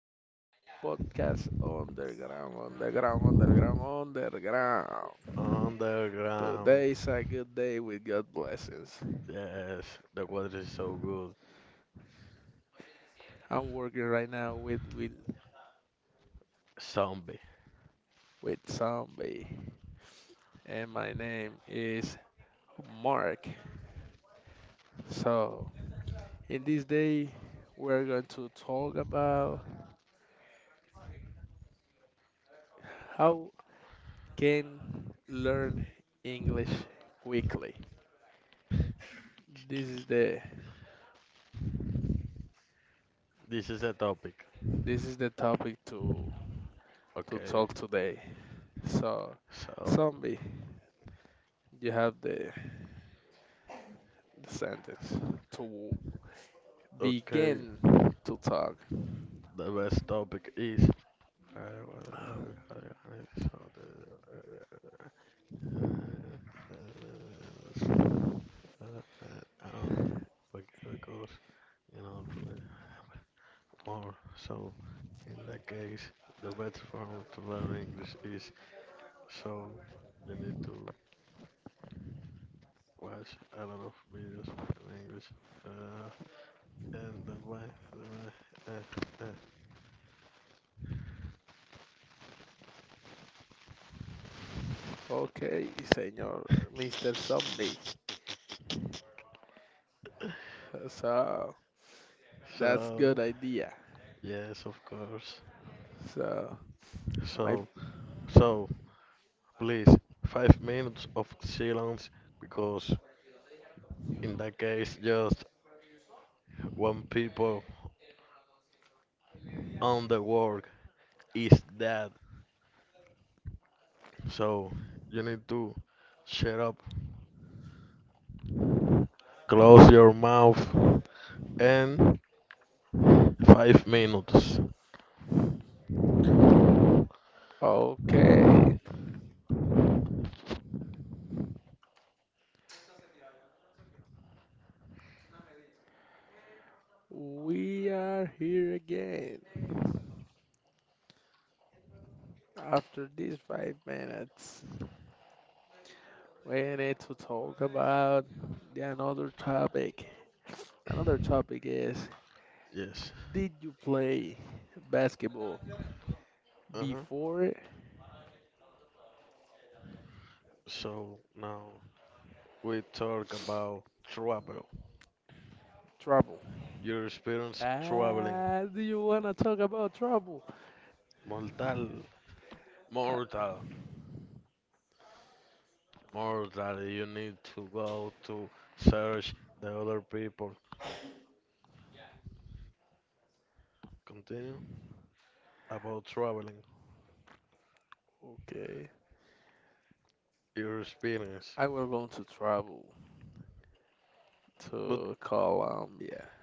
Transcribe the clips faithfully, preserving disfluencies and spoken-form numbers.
to Podcast Underground, Underground, Underground, Underground. Underground. Today is a good day with God blessings. Yes, the water is so good. I'm working right now with with, Zombie. with Zombie, and my name is Mark. So, in this day, we're going to talk about how can learn English quickly. This is the This is a topic. this is the topic to to Okay. talk today. So, So, zombie, you have the, the sentence to okay. begin to talk. The best topic is. So, uh, because you know to learn more. So, in that case, the best form to learn English is so you need to watch a lot of videos in English. Uh, And the wife, the wife, uh, uh. Okay, señor, Mister Zombie. So, that's So, good idea. yes, of course. So, am I So, so please, five minutes of silence because in that case, just one people on the work is dead. So you need to shut up, close your mouth, and five minutes. okay? We are here again. After these five minutes, we need to talk about the another topic. Another topic is: Yes. Did you play basketball Uh huh. before? So now we talk about travel. Trouble. Your experience traveling. Ah, do you wanna talk about trouble? Mortal, I, mortal, mortal, you need to go to search the other people. Continue about traveling, okay, your experience. I will going to travel But to Colombia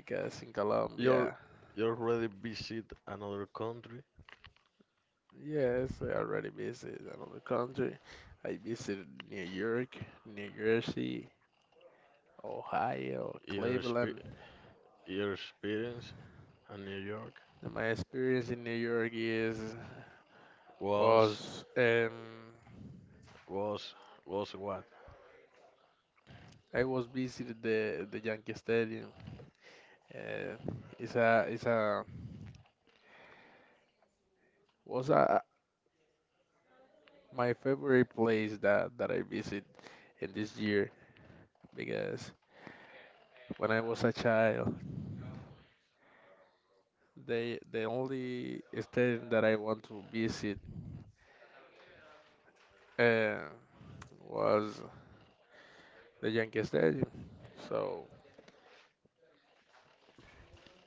because in you're Colombia, you already visit another country. yes, I already visited another country. I visited New York, New Jersey, Ohio, Your expe- Cleveland. your experience in New York And my experience in New York is was was um was was what? I was visited the the Yankee Stadium. Uh, it's a it's a was a, My favorite place that, that I visit in this year, because when I was a child, they the only stadium that I want to visit uh, was the Yankee Stadium. So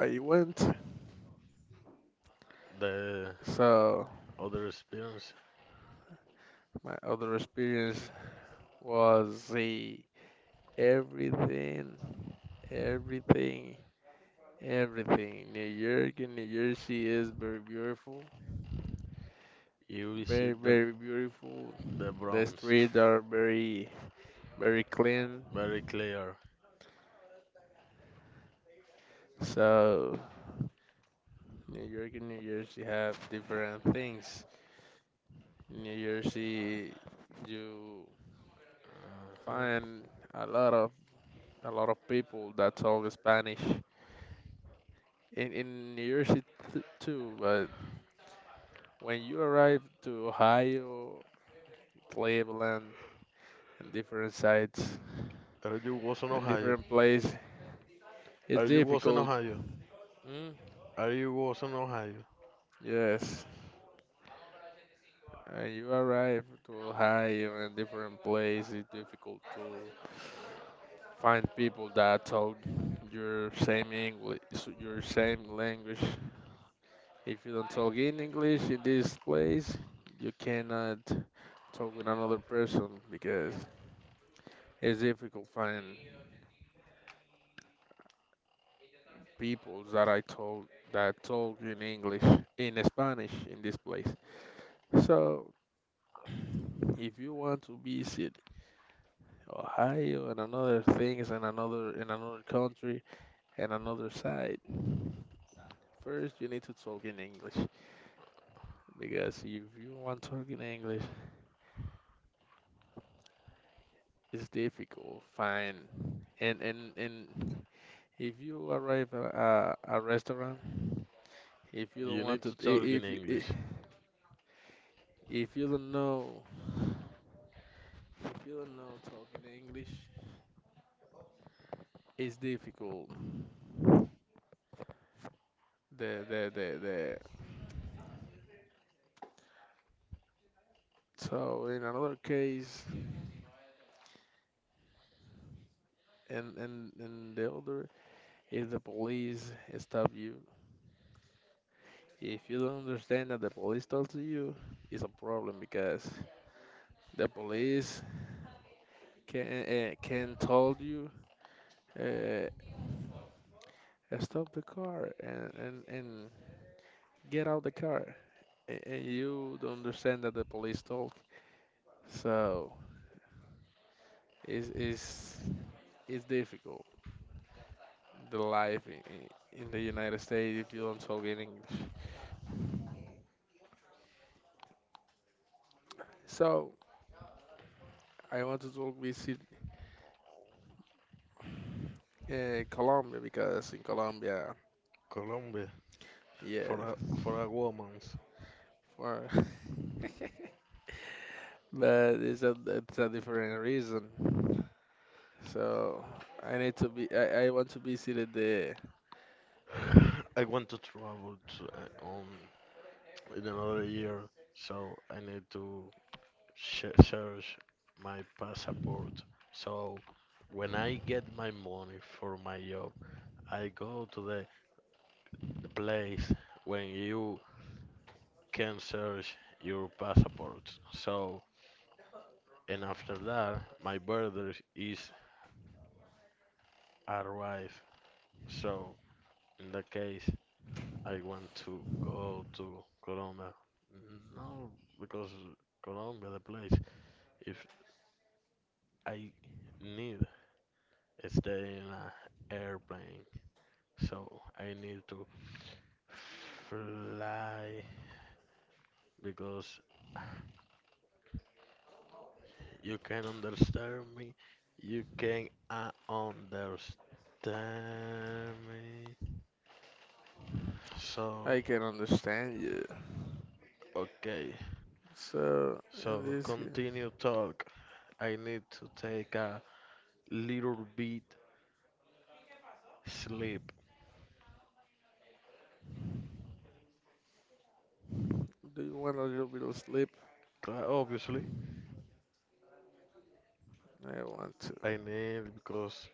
I went. The So other experience my other experience was the everything, everything, everything. New York and New Jersey is very beautiful, you very visit the very beautiful. the The Bronx. streets are very very clean. Very clear. So New York and New Jersey have different things. New Jersey, you Uh-huh. find a lot of a lot of people that talk Spanish in in New Jersey t- too. But when you arrive to Ohio, Cleveland, and different sites Are you was in and Ohio? different place, Are it's you was in difficult. Ohio? Mm, Are you was in Ohio? yes, and you arrive to Ohio and different place. It's difficult to find people that talk your same English, so your same language. If you don't talk in English in this place, you cannot talk with another person because it's difficult find people that I talk that talk in English, in Spanish in this place. So if you want to visit Ohio and another things and another in another country and another side, first you need to talk in English. Because if you want talking English, it's difficult. Fine, and and and if you arrive at a, a restaurant, if you You don't want need to, to talk I- in if y- I- English. if you don't know, if you don't know talking English, it's difficult. The the the the. So in another case, and and and the other, if the police stop you, if you don't understand that the police talk to you, it's a problem because the police can uh, can told you uh, stop the car and, and and get out the car, and, and you don't understand that the police talk. So it's it's, it's difficult the life in, in in the United States if you don't talk in English. So I want to talk visit uh, Colombia, because in Colombia, Colombia, yeah, for a for a woman, for but it's a it's a different reason. So I need to be I, I want to visit the I want to travel to uh, um in another year, so I need to sh- search my passport. So when I get my money for my job, I go to the the place when you can search your passport. So and after that, my brother is arrived. So in that case. I want to go to Colombia. No, because Colombia, the place, if I need stay in an airplane, so I need to fly because you can understand me. You can uh, understand me. So, I can understand you. okay. So, So, in this here, continue talk. I need to take a little bit sleep. do you want a little bit of sleep? Cla- Obviously, I want to. I need because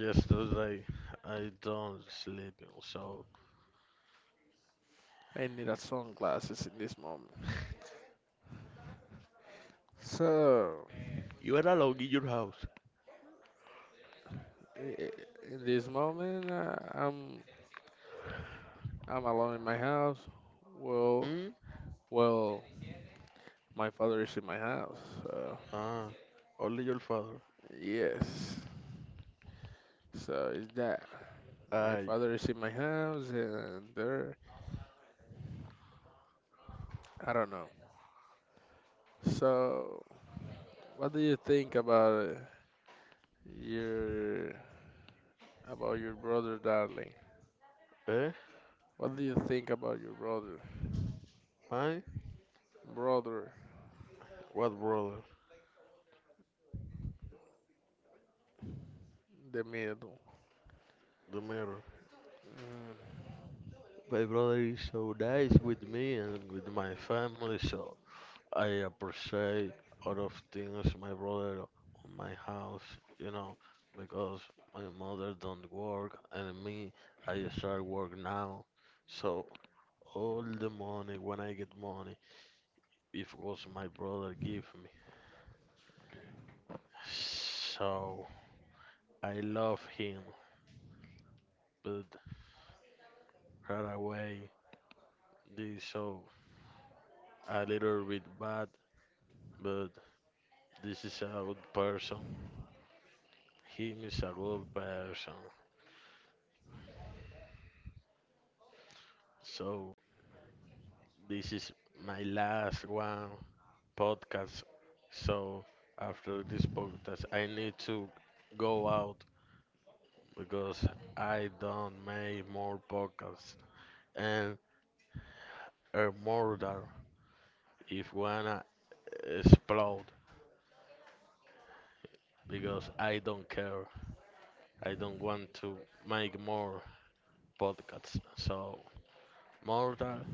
yesterday I don't sleep, so I need a sunglasses in this moment. So, you were alone in your house. i- i- in this moment, uh, I'm I'm alone in my house. Well, Hmm? well, my father is in my house. So, Ah, only your father. yes. So is that my I, father is in my house and there? I don't know. So, what do you think about uh, your about your brother, darling. eh? What do you think about your brother? My, Brother, what brother? the middle. The mirror. Mm. My brother is so nice with me and with my family, so I appreciate a lot of things my brother on my house, you know, because my mother don't work and me, I start work now, so all the money when I get money, it was my brother give me. So I love him, but right away this so a little bit bad, but this is a good person. Him is a good person. So this is my last one podcast. So after this podcast, I need to go out because I don't make more podcasts and earn more than if wanna explode because I don't care. I don't want to make more podcasts. So mortal,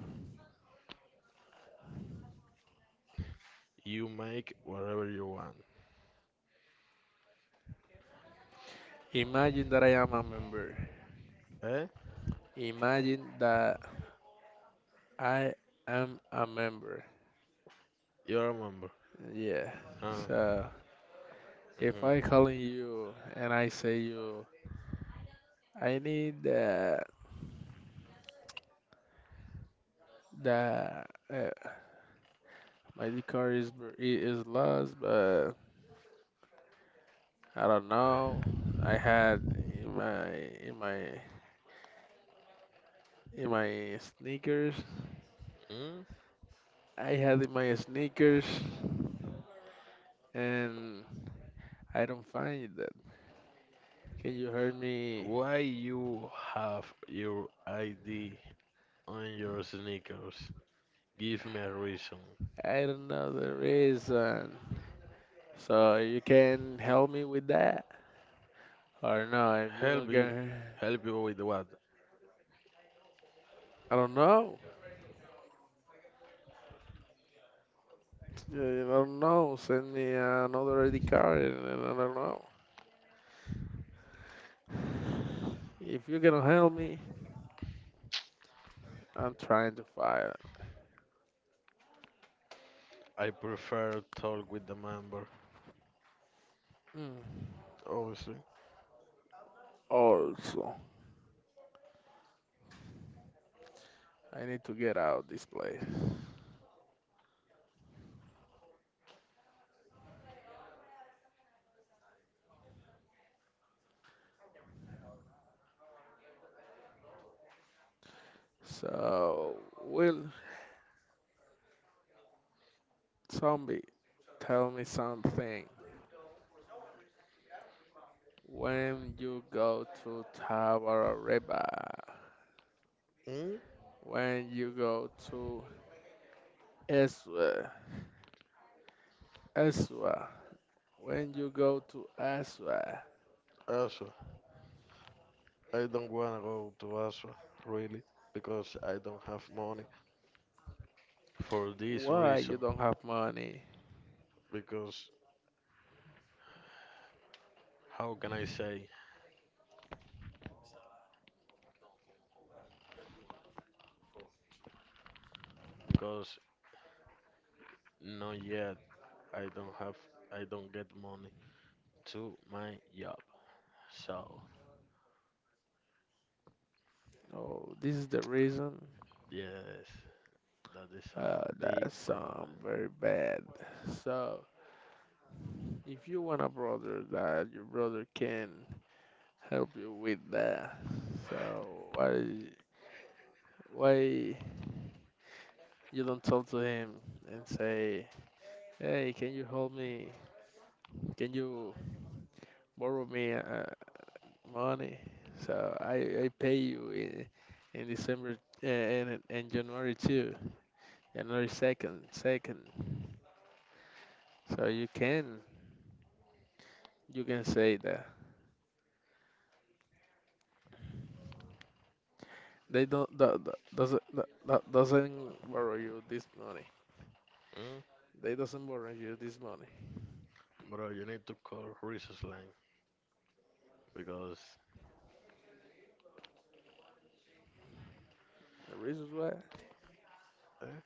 you make whatever you want. Imagine that I am a member. Eh? Imagine that I am a member. You remember? Yeah. Uh, So if I mhm. calling you and I say you, I need that. That uh, my car is br- i- is lost, but I don't know. I had in my in my in my sneakers. Mm. I had in my sneakers, and I don't find it. Can you help me? Why you have your I D on your sneakers? Give me a reason. I don't know the reason. So you can help me with that? Or no, if you don't Help you. can, Help you with what? I don't know. Yeah, I don't know. Send me another I D card and and I don't know. If you cannot help me, I'm trying to find. I prefer talk with the member. Mm. Obviously. Also, I need to get out this place. So, will zombie tell me something? When you go to Tabarareba, Mm? when you go to Eswa, Eswa, when you go to Aswa, Also, I don't wanna go to Aswa really because I don't have money for this why reason. you don't have money? Because how can I say? Because not yet I don't have I don't get money to my job. So Oh, this is the reason. yes, that is a Uh, big that problem. sound very bad. So, if you want a brother that your brother can help you with that, so why why you don't talk to him and say, hey, can you help me? Can you borrow me uh, money, so I I pay you in, in December uh, and and January too, January second, second. So you can you can say that they don't that, that doesn't that, that doesn't borrow you this money. Mm? They doesn't borrow you this money. Bro, you need to call Resource Line because The reasons why? eh,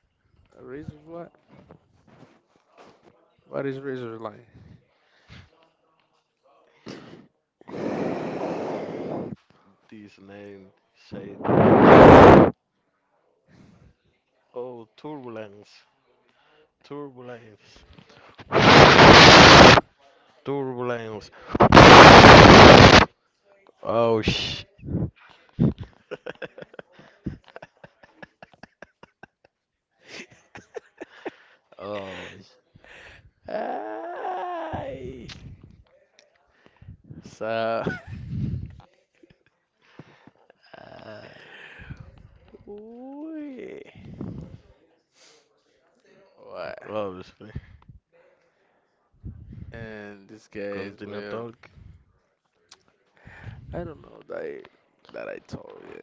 The reasons why? What is reasons like? this name say there. Oh, turbulence, turbulence. Turbulence. Oh sh. Oh, sh- Ay! So, ah, Uy. What? obviously. And this case, Continue well, talk. I don't know that I, that I told you.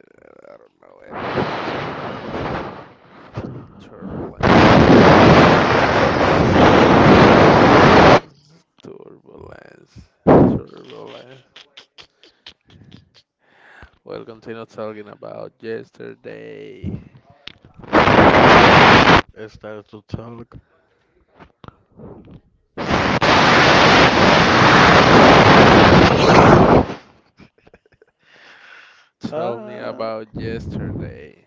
I don't know everything. So turbulence, turbulence, turbulence, turbulence. We'll continue talking about yesterday. Start to talk. Tell me Ah, about yesterday.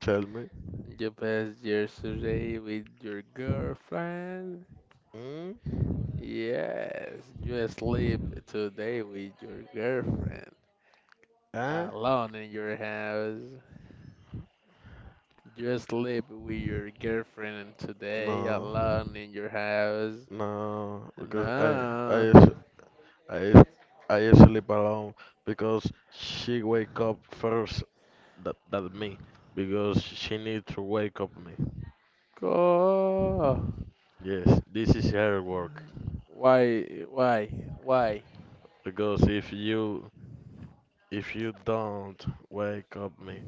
tell me. You passed yesterday with your girlfriend? Mm? Yes, you sleep today with your girlfriend Ah, alone in your house. You sleep with your girlfriend today no, alone in your house. no, because I, I, No. s- I, s- I sleep alone because she wake up first that that me because she need to wake up me. Go. Yes, this is her work Why? Why? Why? because if you if you don't wake up me,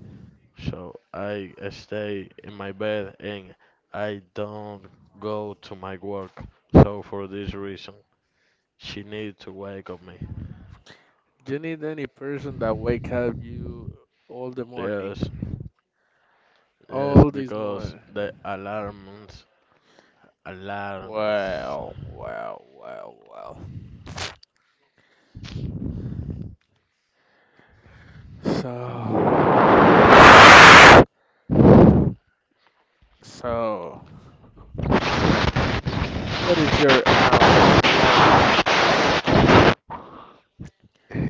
so I stay in my bed and I don't go to my work. So for this reason, she need to wake up me. You need any person that wake up you all the morning, Yes, yes, all this because morning. the alarms, alarms. Well, well, well, well. So, so, what is your aunt, Leila?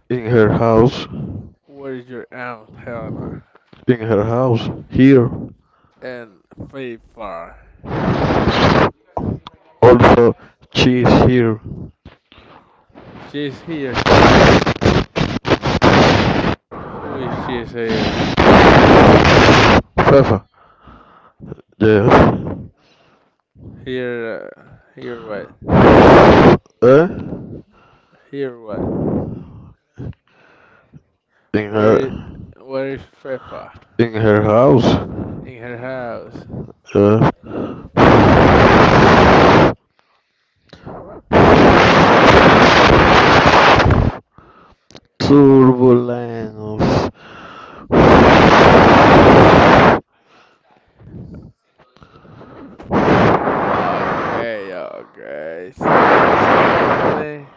In her house, in What is your aunt, Helena? her house, here. And Faithful. Also, she's here. She's here. Who is she's here? Fefa. Yes. Here, uh, here what? Eh? Here what? In Where her. is, where is Fefa? In her house. In her house. A turbulence of Okay, okay. Say something.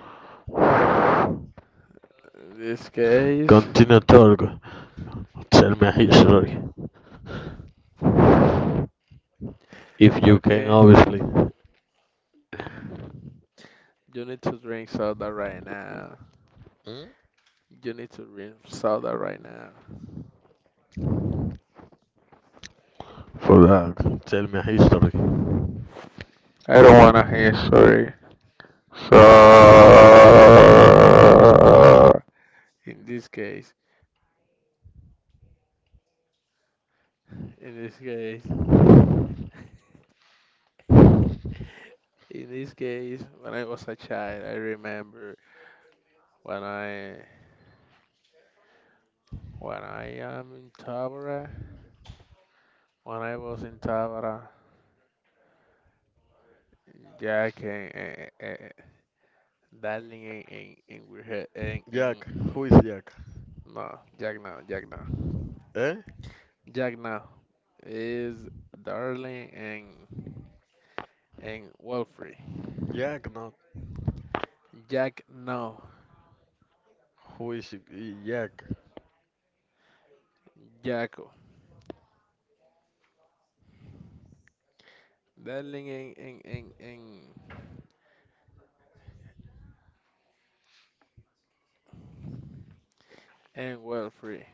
In this case, continental. Tell me a history, if you can, okay. obviously. Hmm? You need to drink soda right now. You need to drink soda right now. For that, tell me a history. I don't wanna hear sorry. So in this case, in this case. In this case, when I was a child, I remember when I when I am in Tabara, when I was in Tabara, Jack and, and, and Darling and, and, and we had and, Jack, and who is Jack? no, Jack no, Jack no, Eh? Jack no is Darling and and Wilfrey. Jack, not. Jack no, Who is Jack? Jacko. Darling and and and and, and Wilfrey.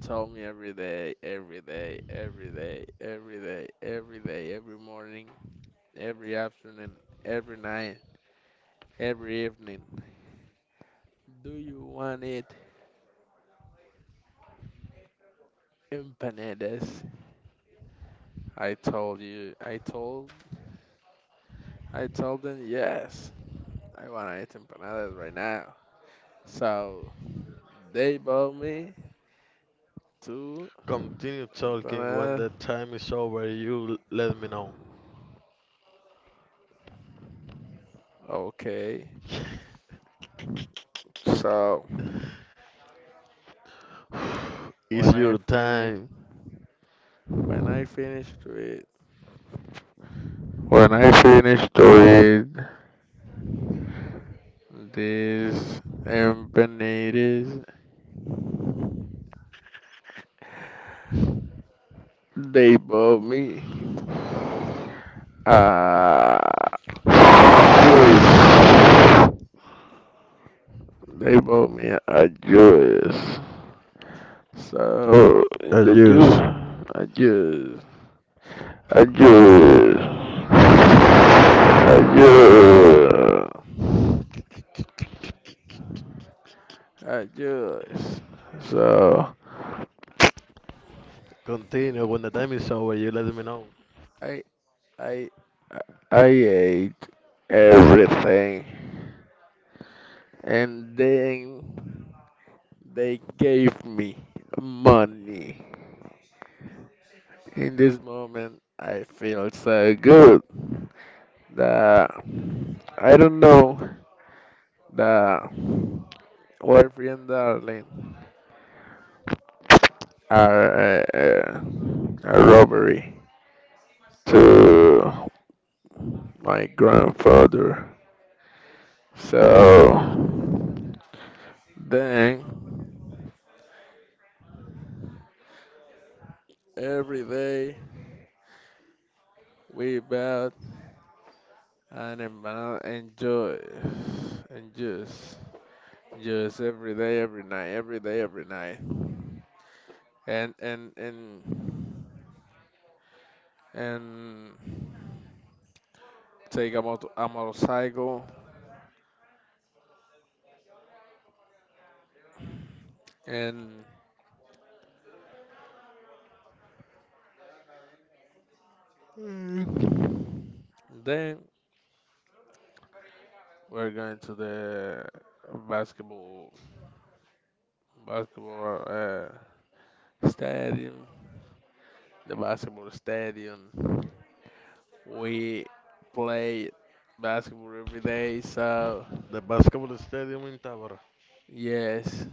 Told me every day, every day, every day, every day, every day, every morning, every afternoon, every night, every evening. Do you want it empanadas? I told you, I told, I told them yes. I want to eat empanadas right now. So they bought me two Continue talking. When empanadas. the time is over, you let me know. Okay. So It's when I your finish, time. when I finish to eat, when I finish to eat. These empanadas, they bought me a, a juice. They bought me a juice. So, in And the juice, use. a juice, a juice, a juice, a juice. So, Continue. When the time is over, you let me know. I, I, I ate everything. And then they gave me money. In this moment, I feel so good that I don't know that Wolfie and Darling are uh, a robbery to my grandfather. So then every day we bought an empanada and juice and juice. Yes, every day, every night, every day, every night. And and and and take a moto a motorcycle and and then we're going to the basketball basketball uh, stadium. The basketball stadium. We play basketball every day, so The basketball stadium in Tabora, yes.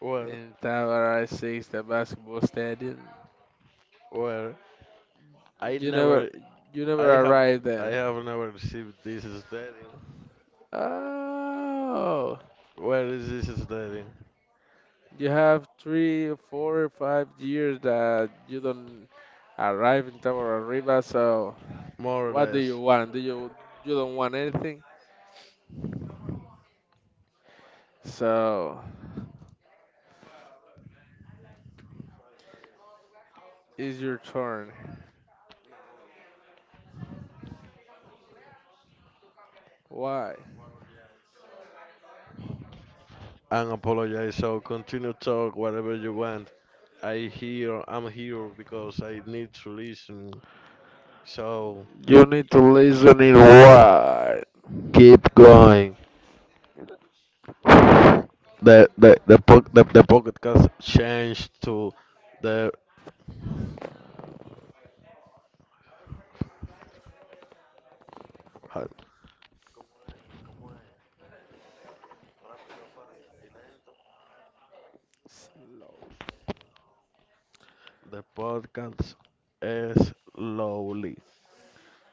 where In Tavares is the basketball stadium. where I You never never you never I have arrive I then. have never received this stadium. Oh, Where is this stadium? you have three, four, five years that you don't arrive in Tabararriba. So More or what do you less. want? Do you you don't want anything? So it's your turn. Why? And apologize. So continue talk whatever you want. I here I'm here because I need to listen. So You need to listen in why. keep going. The the the po- the, the podcast changed to the the Slow. podcast is slowly.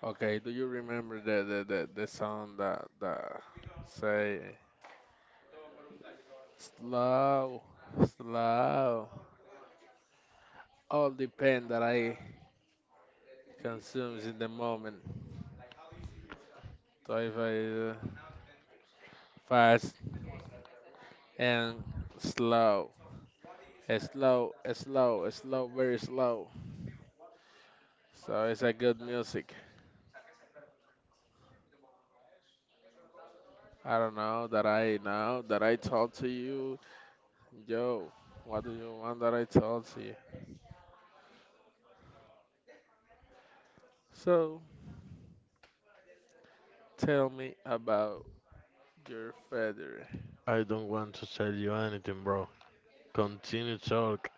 Okay, do you remember the the, the, the song that that say slow, slow? All depend that I consumes in the moment. So if I uh, fast and slow, uh, slow, uh, slow, uh, slow, very slow. So it's a good music. I don't know that I know that I talk to you, yo. What do you want that I talk to you? So tell me about your feather. I don't want to tell you anything, bro. Continue talk.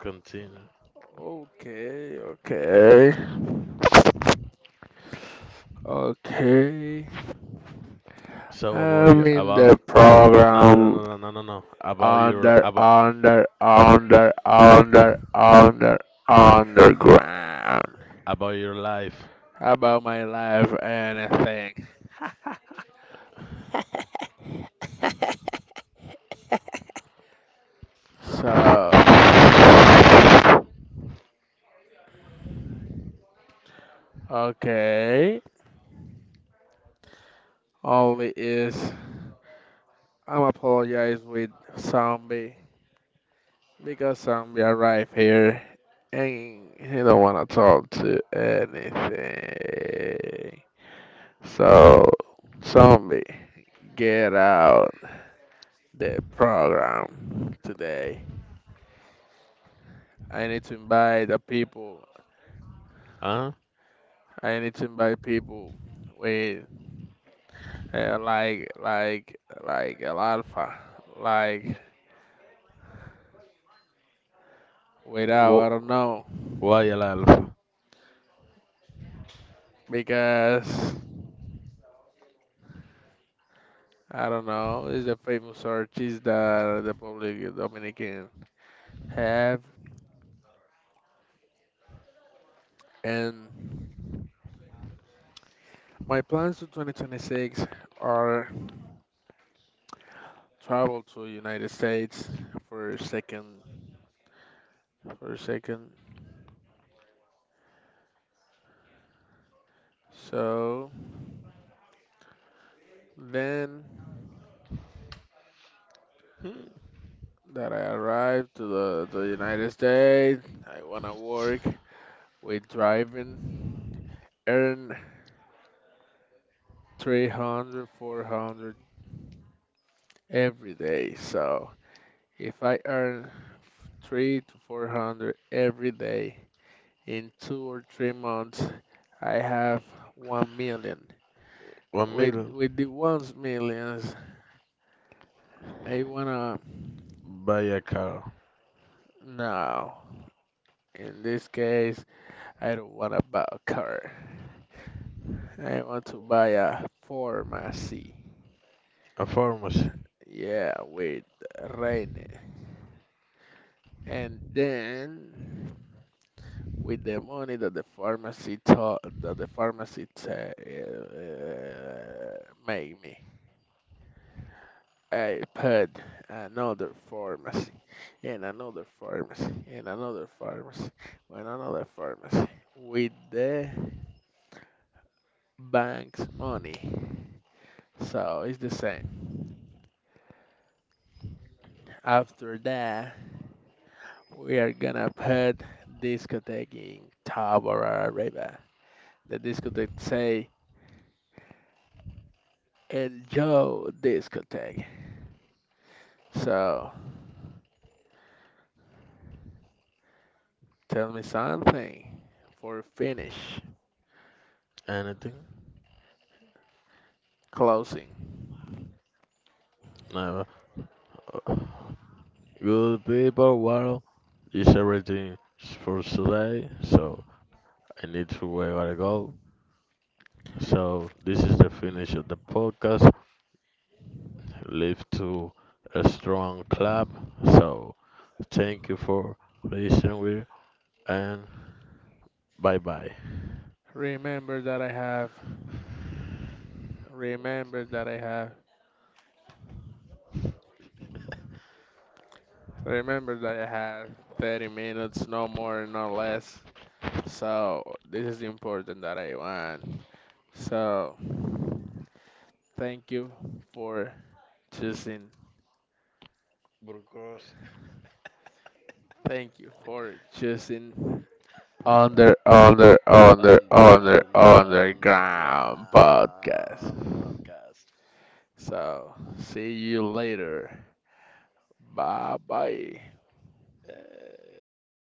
Continue. Okay, okay, okay. So about I'm you in about the no no no program. no no no no no about your Under, about under, under, under, under, underground. about your life. How about my life, anything. So, okay. Only is I'm apologize with zombie because zombie arrived here and he don't wanna talk to anything. So, zombie, get out the program today. I need to invite the people. Huh? I need to invite people with uh, like like like El Alfa, like without I don't Wh- know Why a life? because I don't know it's a famous artist that the public Dominican have. And my plans to twenty twenty-six are travel to United States for a second for a second. So then Hmm. that I arrived to the, the United States. I want to work with driving, earn three hundred, four hundred every day. So if I earn three to four hundred every day in two or three months, I have one million. One With, million. with the one millions, I wanna, Buy a car. no, in this case, I don't wanna buy a car. I want to buy a pharmacy. A pharmacy. Yeah, with Rainy. And then with the money that the pharmacy taught that the pharmacy ta uh, made me, I put another pharmacy and another pharmacy and another pharmacy and another pharmacy with the bank's money. So it's the same. After that, we are gonna put discotheque in Tabarareba. The discotheque say, enjoy discotheque. So tell me something for finish Anything? closing. Never. Good people. Well, it's everything for today. So I need to where I gotta go. So this is the finish of the podcast. Leave to a strong clap. So thank you for listening with and bye bye. Remember that I have, remember that I have, remember that I have thirty minutes, no more, no less. So this is important that I want. So thank you for choosing. Burgos Thank you for choosing Under, under, under, under, on the ground underground podcast. podcast. So, see you later. Bye bye. Eh.